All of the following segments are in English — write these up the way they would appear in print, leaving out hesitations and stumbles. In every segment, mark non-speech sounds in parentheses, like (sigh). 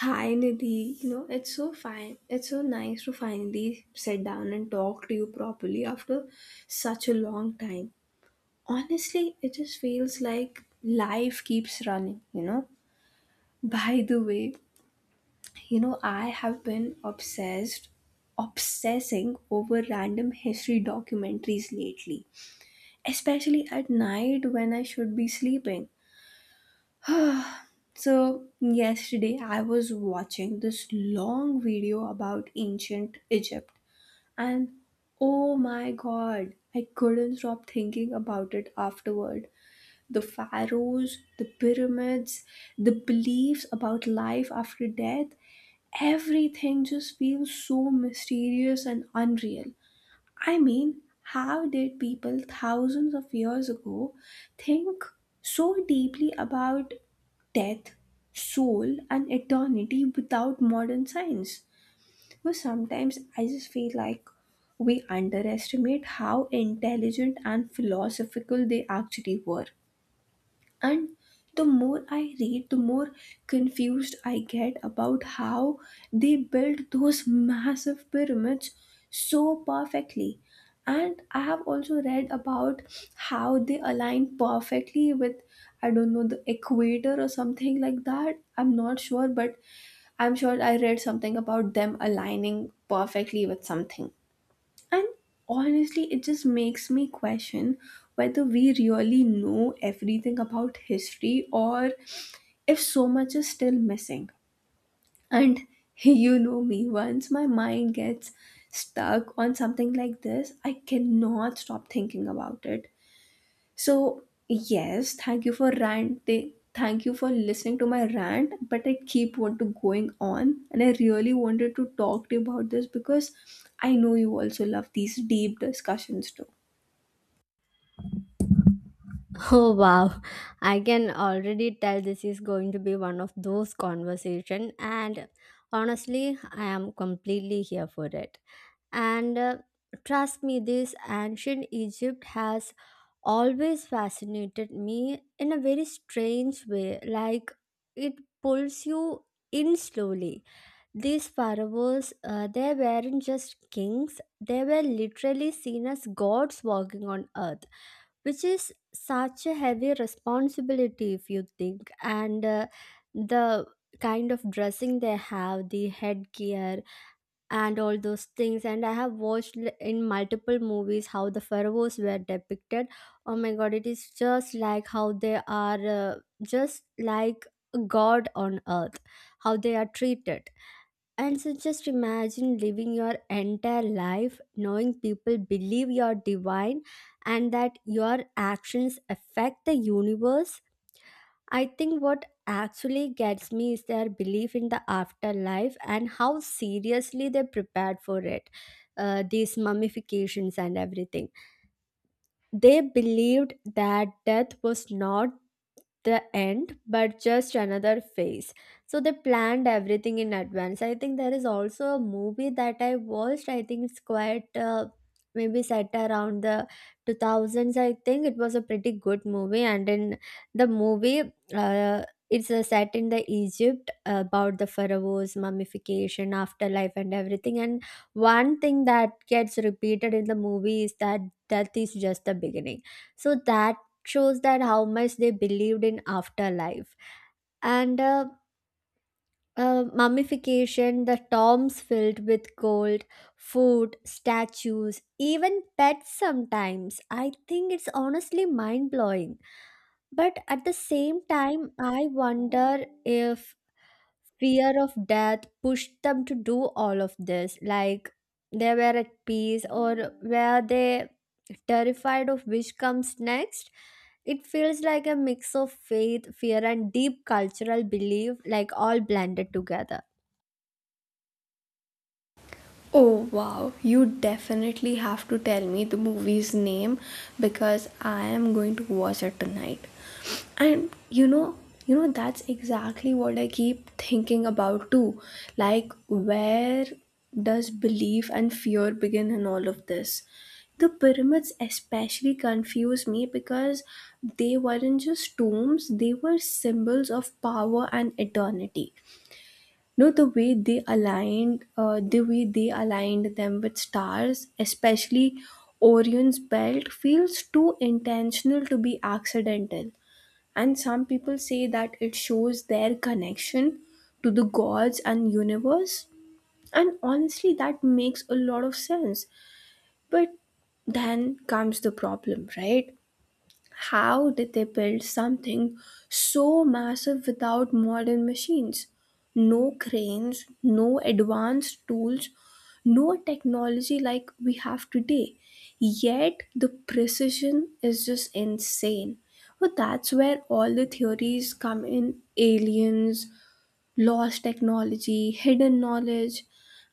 Finally, it's so fine. It's so nice to finally sit down and talk to you properly after such a long time. Honestly, it just feels like life keeps running. By the way, I have been obsessing over random history documentaries lately, especially at night when I should be sleeping. So, yesterday I was watching this long video about ancient Egypt. And oh my god, I couldn't stop thinking about it afterward. The pharaohs, the pyramids, the beliefs about life after death, everything just feels so mysterious and unreal. I mean, how did people thousands of years ago think so deeply about death, soul, and eternity without modern science? But sometimes I just feel like we underestimate how intelligent and philosophical they actually were, and the more I read, the more confused I get about how they built those (laughs) massive pyramids so perfectly. And I have also read about how they align perfectly with, I don't know, the equator or something like that. I'm not sure, but I'm sure I read something about them aligning perfectly with something. And honestly, it just makes me question whether we really know everything about history or if so much is still missing. And (laughs) you know me, once my mind gets stuck on something like this, I cannot stop thinking about it. So, yes, thank you for rant. They, thank you for listening to my rant, but I keep want to going on, and I really wanted to talk to you about this because I know you also love these deep discussions too. (laughs) Oh wow, I can already tell this is going to be one of those conversation and honestly, I am completely here for it. And Trust me, this ancient Egypt has always fascinated me in a very strange way, like it pulls you in slowly. These pharaohs they weren't just kings, they were literally seen as gods walking on earth, which is such a heavy responsibility if you think. And uh, the kind of dressing they have, the headgear and all those things, and I have watched in multiple movies how the pharaohs were depicted. Oh my god, it is just like how they are, just like a god on earth, how they are treated. And so just imagine living your entire life knowing people believe you're divine and that your actions affect the universe. I think what actually gets me is their belief in the afterlife and how seriously they prepared for it. These mummifications and everything. They believed that death was not the end but just another phase, so they planned everything in advance. I think there is also a movie that I watched. I think it's quite maybe set around the 2000s. I think it was a pretty good movie, and in the movie, uh, it's a set in the Egypt about the pharaohs, mummification, afterlife and everything. And one thing that gets repeated in the movie is that death is just the beginning. So that shows that how much they believed in afterlife. And Mummification, the tombs filled with gold, food, statues, even pets sometimes. I think it's honestly mind blowing. But at the same time, I wonder if fear of death pushed them to do all of this. Like, they were at peace, or were they terrified of which comes next? It feels like a mix of faith, fear and deep cultural belief, like all blended together. Oh wow, you definitely have to tell me the movie's name because I am going to watch it tonight. And you know that's exactly what I keep thinking about too. Like where does belief and fear begin in all of this? The pyramids especially confuse me because they weren't just tombs, they were symbols of power and eternity. No, the way they aligned them with stars, especially Orion's belt, feels too intentional to be accidental. And some people say that it shows their connection to the gods and universe. And honestly, that makes a lot of sense. But then comes the problem, right? How did they build something so massive without modern machines? No cranes, no advanced tools, no technology like we have today. Yet the precision is just insane. But that's where all the theories come in: aliens, lost technology, hidden knowledge,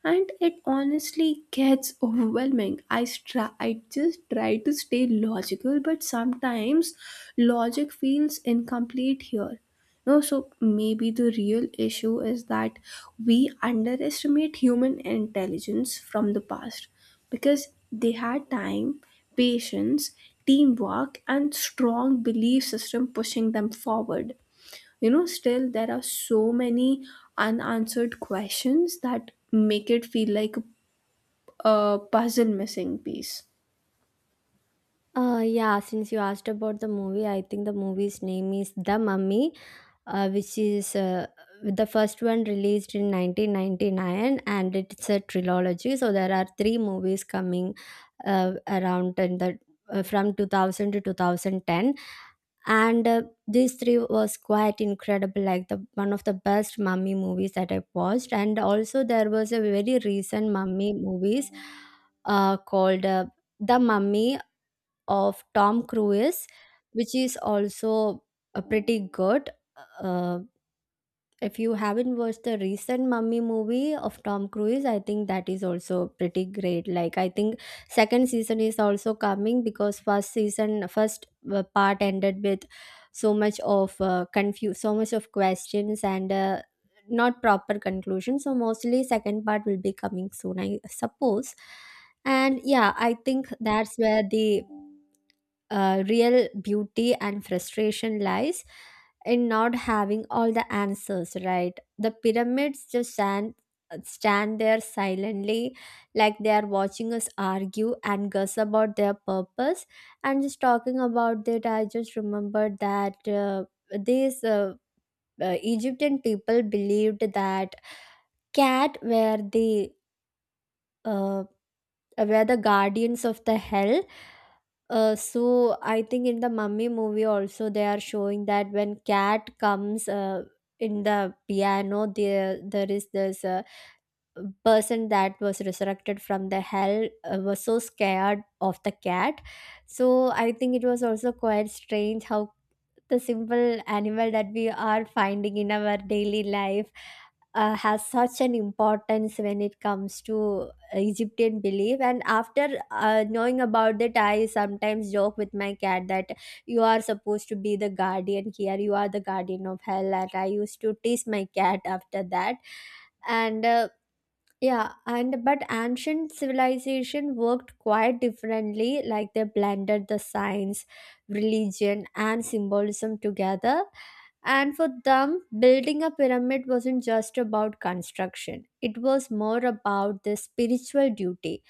and it honestly gets overwhelming. I just try to stay logical, but sometimes logic feels incomplete here. No, so maybe the real issue is that we underestimate human intelligence from the past because they had time, patience, teamwork, and strong belief system pushing them forward. You know, still there are so many unanswered questions that make it feel like a puzzle missing piece. Yeah, since you asked about the movie, I think the movie's name is The Mummy, which is the first one released in 1999, and it's a trilogy, so there are three movies coming around in the from 2000 to 2010. And These three was quite incredible, like the one of the best mummy movies that I watched. And also, there was a very recent mummy movies called the mummy of Tom Cruise, which is also pretty good. uh, if you haven't watched the recent Mummy movie of Tom Cruise, I think that is also pretty great. Like, I think second season is also coming because first season, first part ended with so much of confuse, so much of questions and not proper conclusion. So mostly second part will be coming soon, I suppose. And yeah, I think that's where the real beauty and frustration lies in not having all the answers, right? The pyramids just stand there silently like they are watching us argue and guess about their purpose. And just talking about it, I just remembered that these Egyptian people believed that cat were the, uh, were the guardians of the hell. So I think in the Mummy movie also, they are showing that when cat comes, in the piano, there is this person that was resurrected from the hell, was so scared of the cat. So I think it was also quite strange how the simple animal that we are finding in our daily life has such an importance when it comes to Egyptian belief. And after knowing about it, I sometimes joke with my cat that you are supposed to be the guardian here, you are the guardian of hell. And I used to tease my cat after that. And Yeah, and but ancient civilization worked quite differently, like they blended the science, religion, and symbolism together. And for them, building a pyramid wasn't just about construction, it was more about the spiritual duty,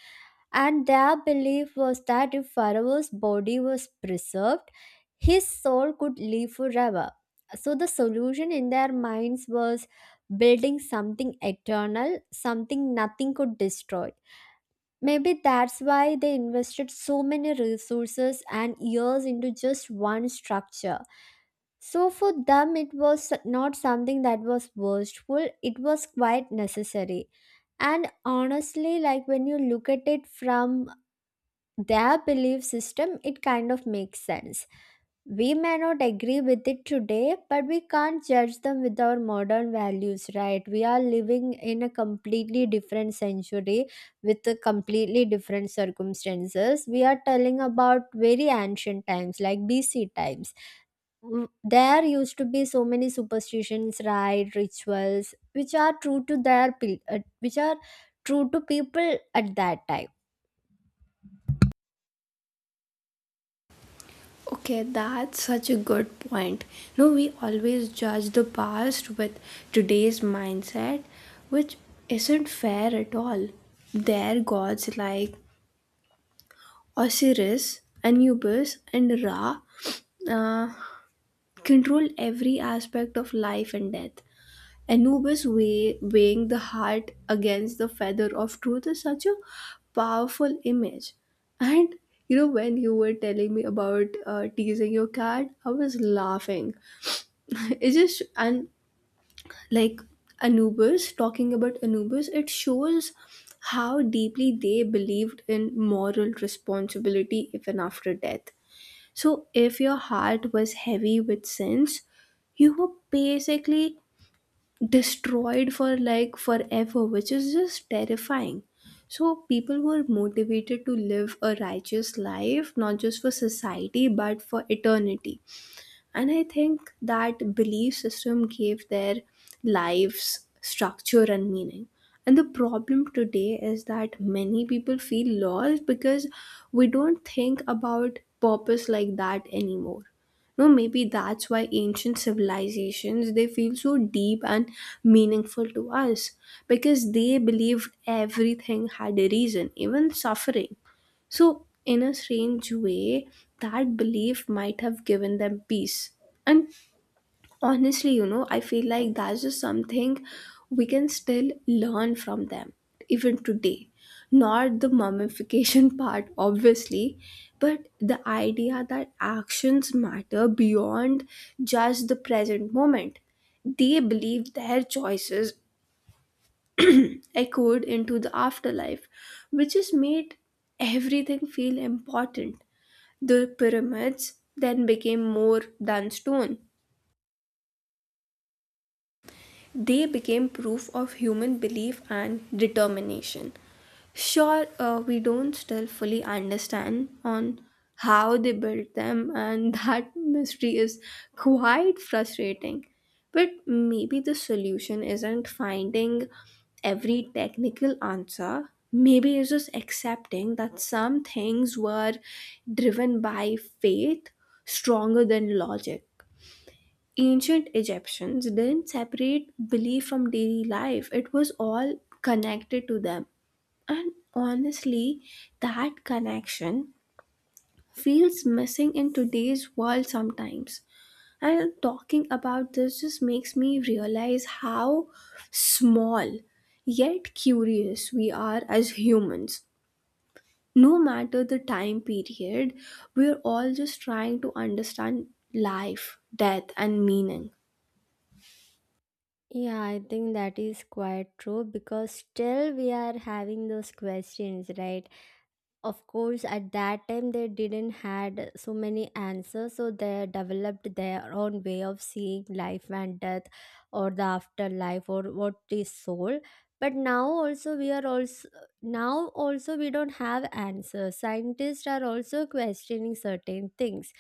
and their belief was that if Pharaoh's body was preserved, his soul could live forever. So, the solution in their minds was building something eternal, something nothing could destroy. Maybe that's why they invested so many resources and years into just one structure. So, for them, it was not something that was wasteful; it was quite necessary. And honestly, like when you look at it from their belief system, it kind of makes sense. We may not agree with it today, but we can't judge them with our modern values, right? We are living in a completely different century with a completely different circumstances. We are telling about very ancient times, like BC times. There used to be so many superstitions, right? Rituals, which are true to their, which are true to people at that time. Okay, that's such a good point. You know, we always judge the past with today's mindset, which isn't fair at all. Their gods like Osiris, Anubis, and Ra uh, control every aspect of life and death. Weighing the heart against the feather of truth is such a powerful image. And you know, when you were telling me about teasing your cat, I was laughing. (laughs) It's just, and like Anubis, talking about Anubis, it shows how deeply they believed in moral responsibility even after death. So, if your heart was heavy with sins, you were basically destroyed for like forever, which is just terrifying. So, people were motivated to live a righteous life, not just for society, but for eternity, and I think that belief system gave their lives structure and meaning. And the problem today is that many people feel lost because we don't think about purpose like that anymore. No, maybe that's why ancient civilizations they feel so deep and meaningful to us because they believed everything had a reason, even suffering. So, in a strange way, that belief might have given them peace. And honestly, I feel like that's just something we can still learn from them, even today. Not the mummification (laughs) part, obviously, but the idea that actions matter beyond just the present moment. They believe their choices echoed into the afterlife, which has made everything feel important. The pyramids then became more than stone. They became proof of human belief and determination. Sure, we don't still fully understand on how they built them, and (laughs) that mystery is quite frustrating. But maybe the solution isn't finding every technical answer. Maybe it's just accepting that some things were driven by faith stronger than logic. Ancient Egyptians didn't separate belief from daily life, it was all connected to them. And honestly, that connection feels missing in today's world sometimes. And talking about this just makes me realize how small yet curious we are as humans. No matter the time period, we're all just trying to understand life, death, and meaning. Yeah, I think that is quite true because still we are having those questions, right? Of course, at that time they didn't had so many answers, so they developed their own way of seeing life and death or the afterlife or what is soul. But now also, we are also now also we don't have answers. Scientists are also questioning certain things.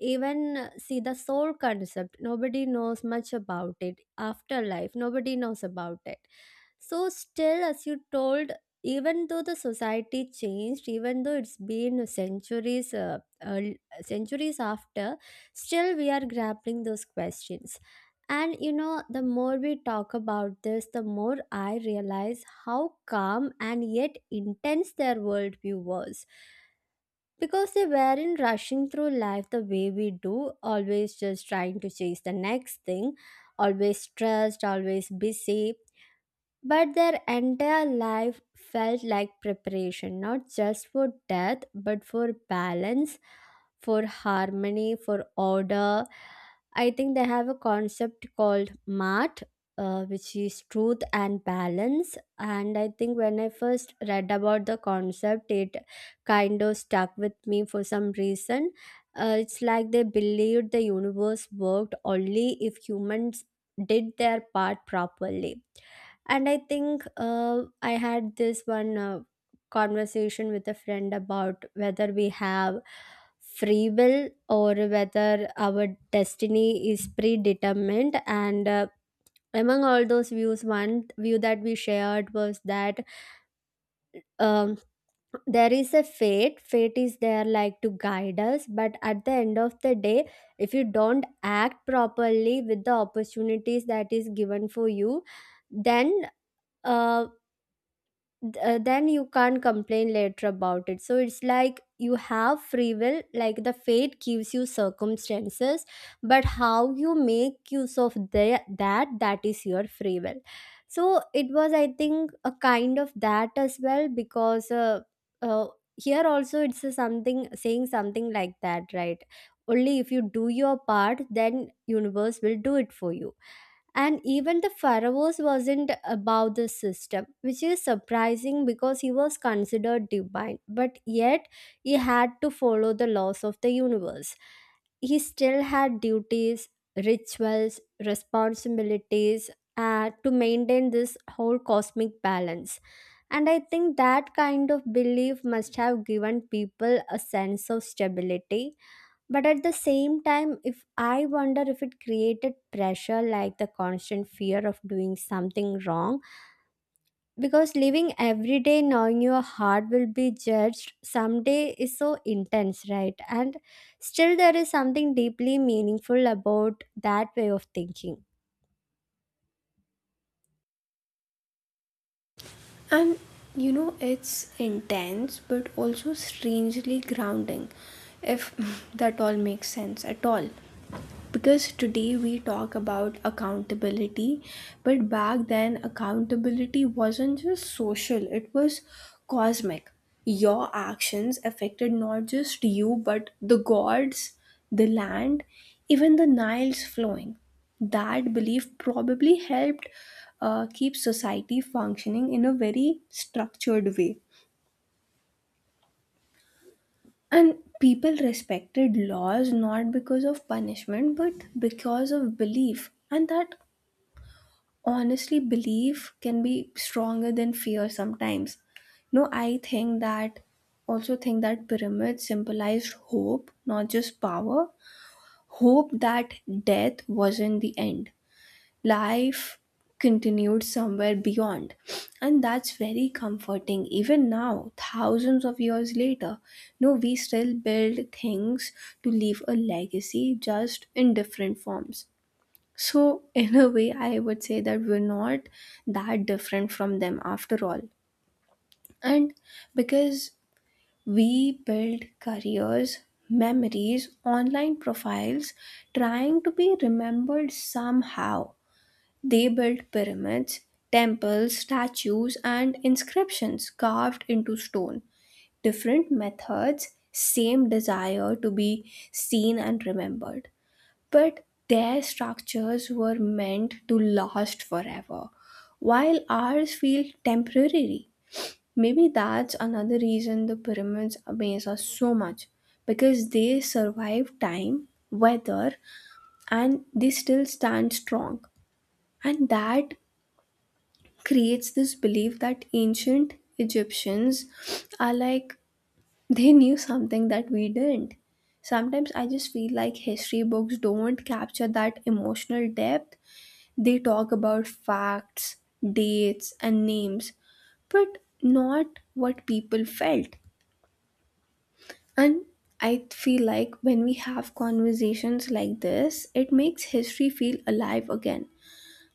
Even see the soul concept, nobody knows much about it. Afterlife, nobody knows about it. So, still, as you told, even though the society changed, even though it's been centuries, centuries after, still we are grappling those questions. And you know, the more we talk about this, the more I realize how calm and yet intense their worldview was because they weren't rushing through life the way we do, always just trying to chase the next thing, always stressed, always busy. But their entire life felt like preparation, not just for death, but for balance, for harmony, for order. I think they have a concept called MART, which is truth and balance. And I think when I first read about the concept, it kind of stuck with me for some reason. It's like they believed the universe worked only if humans did their part properly. And I think I had this one conversation with a friend about whether we have free will or whether our destiny is predetermined. And Among all those views, one view that we shared was that um, there is a fate is there like to guide us, but at the end of the day, if you don't act properly with the opportunities that is given for you, then, uh, then you can't complain later about it. So it's like you have free will, like the fate gives you circumstances, but how you make use of the, that that is your free will. So it was, I think, a kind of that as well because uh, here also it's a something saying something like that, right? Only if you do your part, then universe will do it for you. And even the pharaohs wasn't above the system, which is surprising because he was considered divine, but yet he had to follow the laws of the universe. He still had duties, rituals, responsibilities to maintain this whole cosmic balance. And I think that kind of belief must have given people a sense of stability, but at the same time if I wonder if it created pressure, like the constant fear of doing something wrong, because living every day knowing your heart will be judged someday is so intense, right? And still there is something deeply meaningful about that way of thinking. And it's intense but also strangely grounding, if (laughs) that all makes sense at all. Because today we talk about accountability, but back then accountability wasn't just social, it was cosmic. Your actions affected not just you, but the gods, the land, even the Nile's flowing. That belief probably helped keep society functioning in a very structured way. And people respected laws not because of punishment but because of belief. And that honestly, belief can be stronger than fear sometimes. No, I think that also think that pyramids symbolized hope, not just power. Hope that death wasn't the end, life continued somewhere beyond, and that's very comforting even now, thousands of years later. No, we still build things to leave a legacy, just in different forms. So in a way I would say that we're not that different from them after all. And because we build careers, memories, online profiles, trying to be remembered somehow. They built pyramids, temples, statues, and inscriptions carved into stone. Different methods, same desire to be seen and remembered. But their structures were meant to last forever, while ours feel temporary. Maybe that's another reason the pyramids amaze us so much, because they survive time, weather, and they still stand strong. And that creates this belief that ancient Egyptians are like they knew something that we didn't. Sometimes I just feel like history books don't capture that emotional depth. They talk about facts, dates, and names, but not what people felt. And I feel like when we have conversations like this, it makes history feel alive again.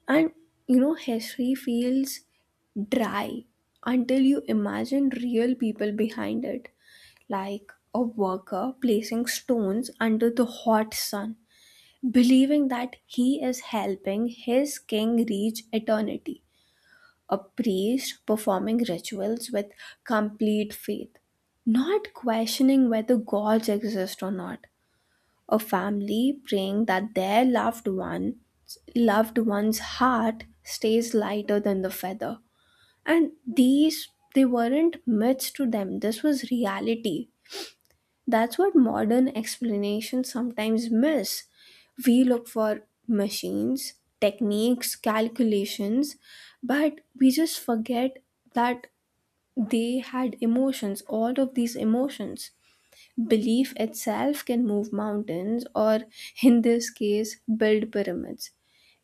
And history feels dry until you imagine real people behind it, like a worker placing stones under the hot sun, believing that he is helping his king reach eternity, a priest performing rituals with complete faith, not questioning whether gods exist or not, a family praying that their loved one's heart stays lighter than the feather. And these, they weren't myths to them, this was reality. That's what modern explanations sometimes miss. We look for machines, techniques, calculations, but we just forget that they had emotions, all of these emotions. Belief itself can move mountains, or in this case, build pyramids.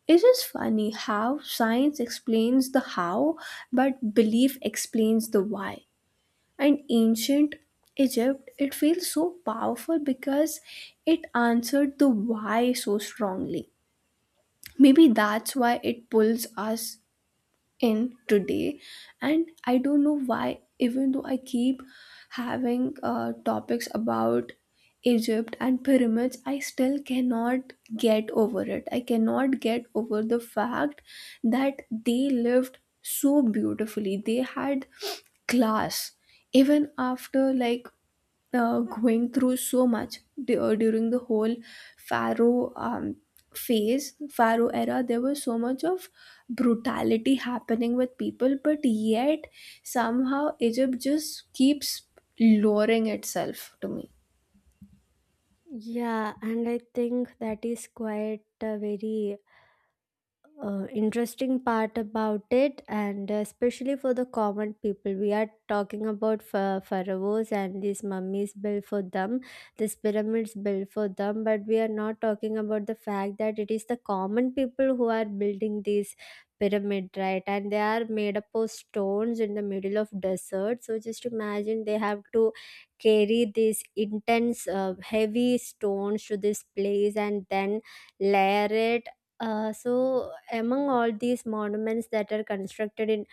It is funny how science explains the how, but belief explains the why. And ancient Egypt, it feels so powerful because it answered the why so strongly. Maybe that's why it pulls us in today. And I don't know why even though I keep having topics about Egypt and pyramids, I still cannot get over it. I cannot get over the fact that they lived so beautifully, they had class even after like going through so much. During the whole pharaoh phase pharaoh era, there was so much of brutality happening with people, but yet somehow Egypt just keeps lowering itself to me. Yeah, and I think that is quite a very interesting part about it, and especially for the common people. We are talking about pharaohs and these mummies built for them, these pyramids built for them, but we are not talking about the fact that it is the common people who are building these pyramid, right? And they are made up of stones in the middle of desert, so just imagine they have to carry these intense heavy stones to this place and then layer it. So among all these monuments that are constructed in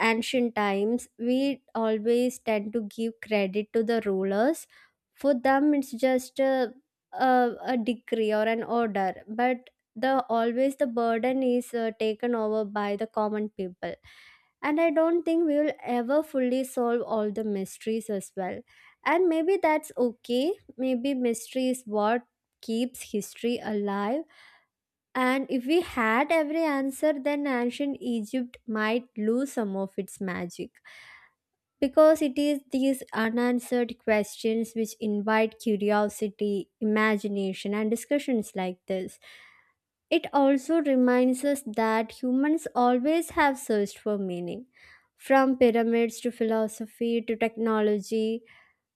ancient times, we always tend to give credit to the rulers. For them, it's just a decree or an order, but the always the burden is taken over by the common people. And I don't think we will ever fully solve all the mysteries as well. And maybe that's okay. Maybe mystery is what keeps history alive, and if we had every answer, then ancient Egypt might lose some of its magic. Because it is these unanswered questions which invite curiosity, imagination, and discussions like this. It also reminds us that humans always have searched for meaning. From pyramids to philosophy to technology,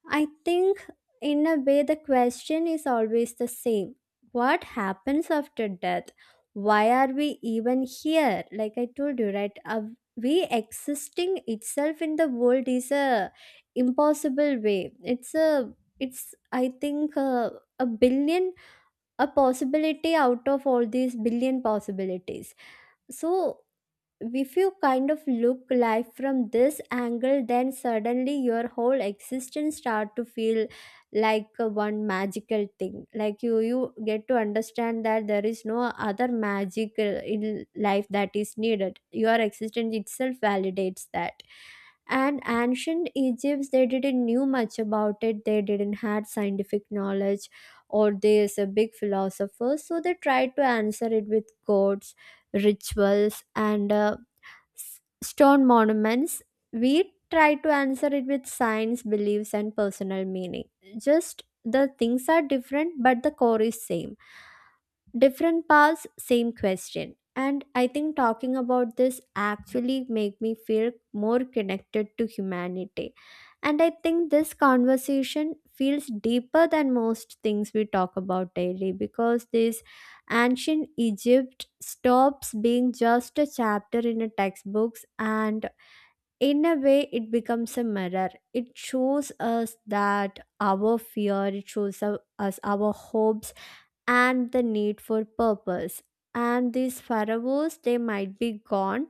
I think, in a way, the question is always the same: what happens after death? Why are we even here? Like I told you, right? Are we existing itself in the world is a impossible way. It's a it's, I think, a billion a possibility out of all these billion possibilities. So if you kind of look life from this angle then suddenly your whole existence start to feel like a one magical thing, like you get to understand that there is no other magic in life that is needed. Your existence itself validates that. And ancient egypts, they didn't knew much about it, they didn't had scientific knowledge or there's a big philosopher, so they tried to answer it with gods, rituals, and s- stone monuments. We try to answer it with science, beliefs, and personal meaning. Just the things are different, but the core is same. Different paths, same question. And I think talking about this actually make me feel more connected to humanity, and I think this conversation feels deeper than most things we talk about daily, because this ancient egypt stops being just a chapter in a textbooks, and in a way it becomes a mirror. It shows us that our fear, it shows us our hopes and the need for purpose. And these pharaohs, they might be gone,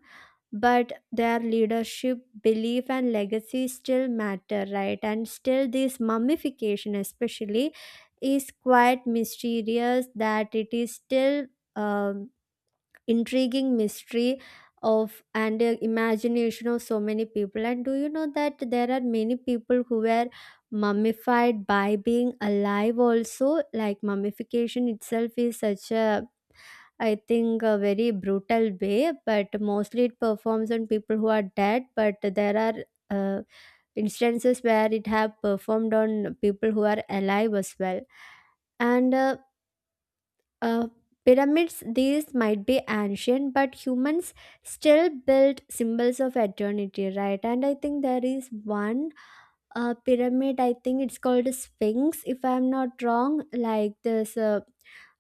but their leadership, belief, and legacy still matter, right? And still, this mummification, especially, is quite mysterious, that it is still. um intriguing mystery of and imagination of so many people. And do you know that there are many people who were mummified by being alive also? Like mummification itself is such a, I think, a very brutal way, but mostly it performs on people who are dead, but there are uh, instances where it have performed on people who are alive as well. And uh, uh, pyramids, these might be ancient, but humans still build symbols of eternity, right? And I think there is one pyramid, I think it's called Sphinx, if I'm not wrong. Like there's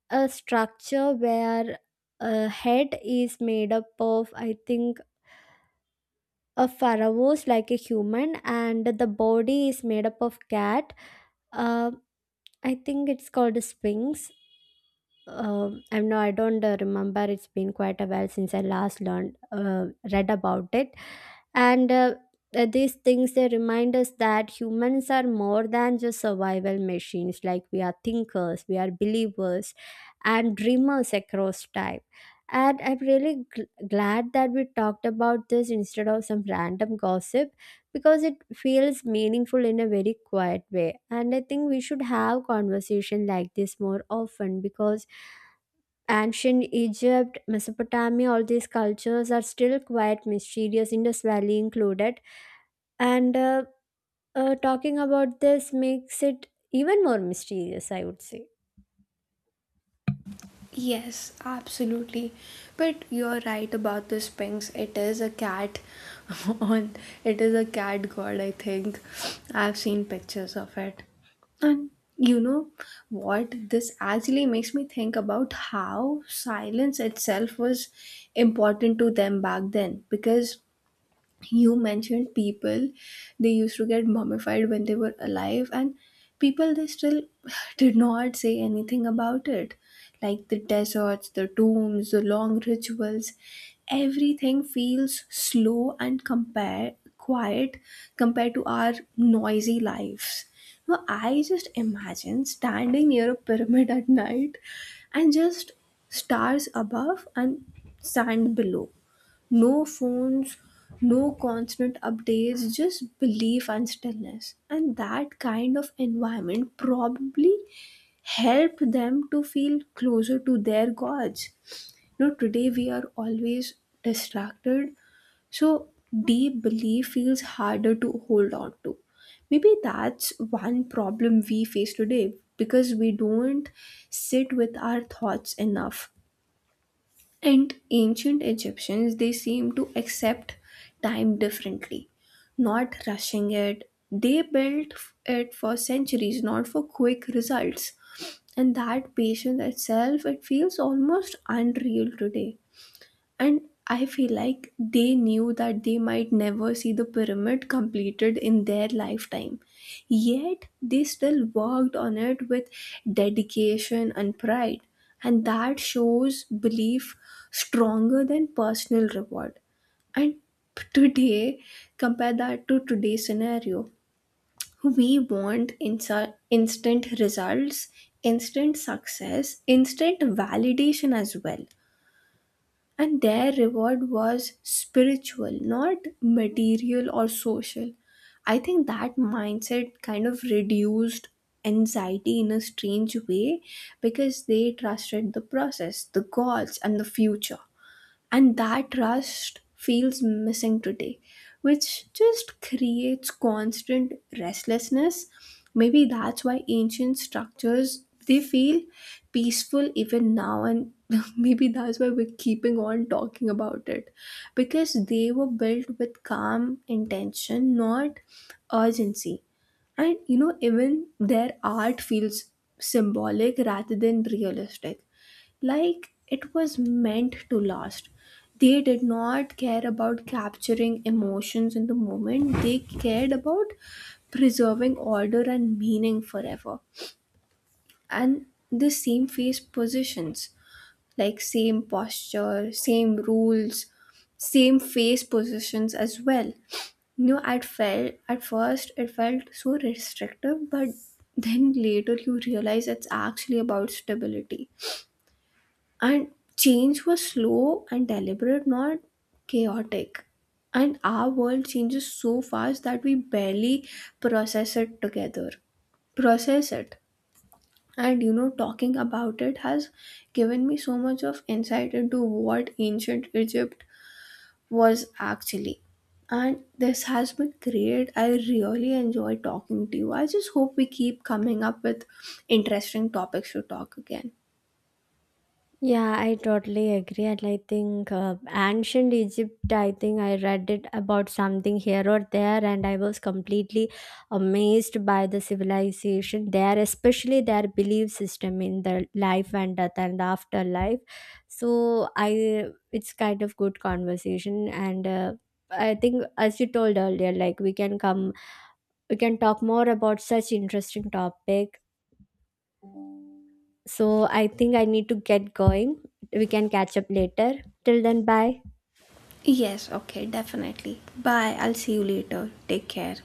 a structure where a head is made up of, I think, a pharaoh's, like a human, and the body is made up of cat. Uh, I think it's called a Sphinx. I am know I don't remember. It's been quite a while since I last learned, read about it, and these things, they remind us that humans are more than just survival machines. Like we are thinkers, we are believers, and dreamers across time. And I'm really glad that we talked about this instead of some random gossip, because it feels meaningful in a very quiet way. And I think we should have conversation like this more often, because Ancient Egypt, Mesopotamia, all these cultures are still quite mysterious, Indus Valley included. And talking about this makes it even more mysterious, I would say. Yes, absolutely. But you're right about the Sphinx. It is a cat (laughs) on It is a cat god, I think. I've seen pictures of it. And you know what? This actually makes me think about how silence itself was important to them back then, because you mentioned people they used to get mummified when they were alive, and people they still (sighs) did not say anything about it. Like the deserts, the tombs, the long rituals, everything feels slow and compared to our noisy lives. Now I just imagine standing near a pyramid at night, and just stars above and sand below, no phones, no constant updates, just belief and stillness. And that kind of environment probably helped them to feel closer to their gods. You know, today we are always distracted, so deep belief feels harder to hold on to. Maybe that's one problem we face today because we don't sit with our thoughts enough. And ancient Egyptians, they seem to accept time differently, not rushing it. They built it for centuries, not for quick results. And that patience itself, it feels almost unreal today. And I feel like they knew that they might never see the pyramid completed in their lifetime. Yet they still worked on it with dedication and pride. And that shows belief stronger than personal reward. And today, compare that to today's scenario. We want instant results, instant success, instant validation as well. And their reward was spiritual, not material or social. I think that mindset kind of reduced anxiety in a strange way because they trusted the process, the goals, and the future. And that trust feels missing today, which just creates constant restlessness. Maybe that's why ancient structures they feel peaceful even now, and (laughs) maybe that's why we're keeping on talking about it, because they were built with calm intention, not urgency. And you know even their art feels symbolic rather than realistic, like it was meant to last. They did not care about capturing emotions in the moment, they cared about preserving order and meaning forever. And the same face positions, like same posture, same rules, same face positions as well. You know, at first it felt so restrictive, but then later you realize it's actually about stability. And change was slow and deliberate, not chaotic. And our world changes so fast that we barely process it together process it. And you know talking about it has given me so much of insight into what ancient Egypt was actually. And this has been great, I really enjoy talking to you. I just hope we keep coming up with interesting topics to talk again. Yeah, I totally agree. And I think ancient Egypt, I think I read it about something here or there, and I was completely amazed by the civilization there, especially their belief system in the life and death and afterlife. So, I it's kind of good conversation, and I think as you told earlier, like we can talk more about such interesting topic, so I think I need to get going. We can catch up later. Till then, bye. Yes, okay, definitely. Bye. I'll see you later. Take care.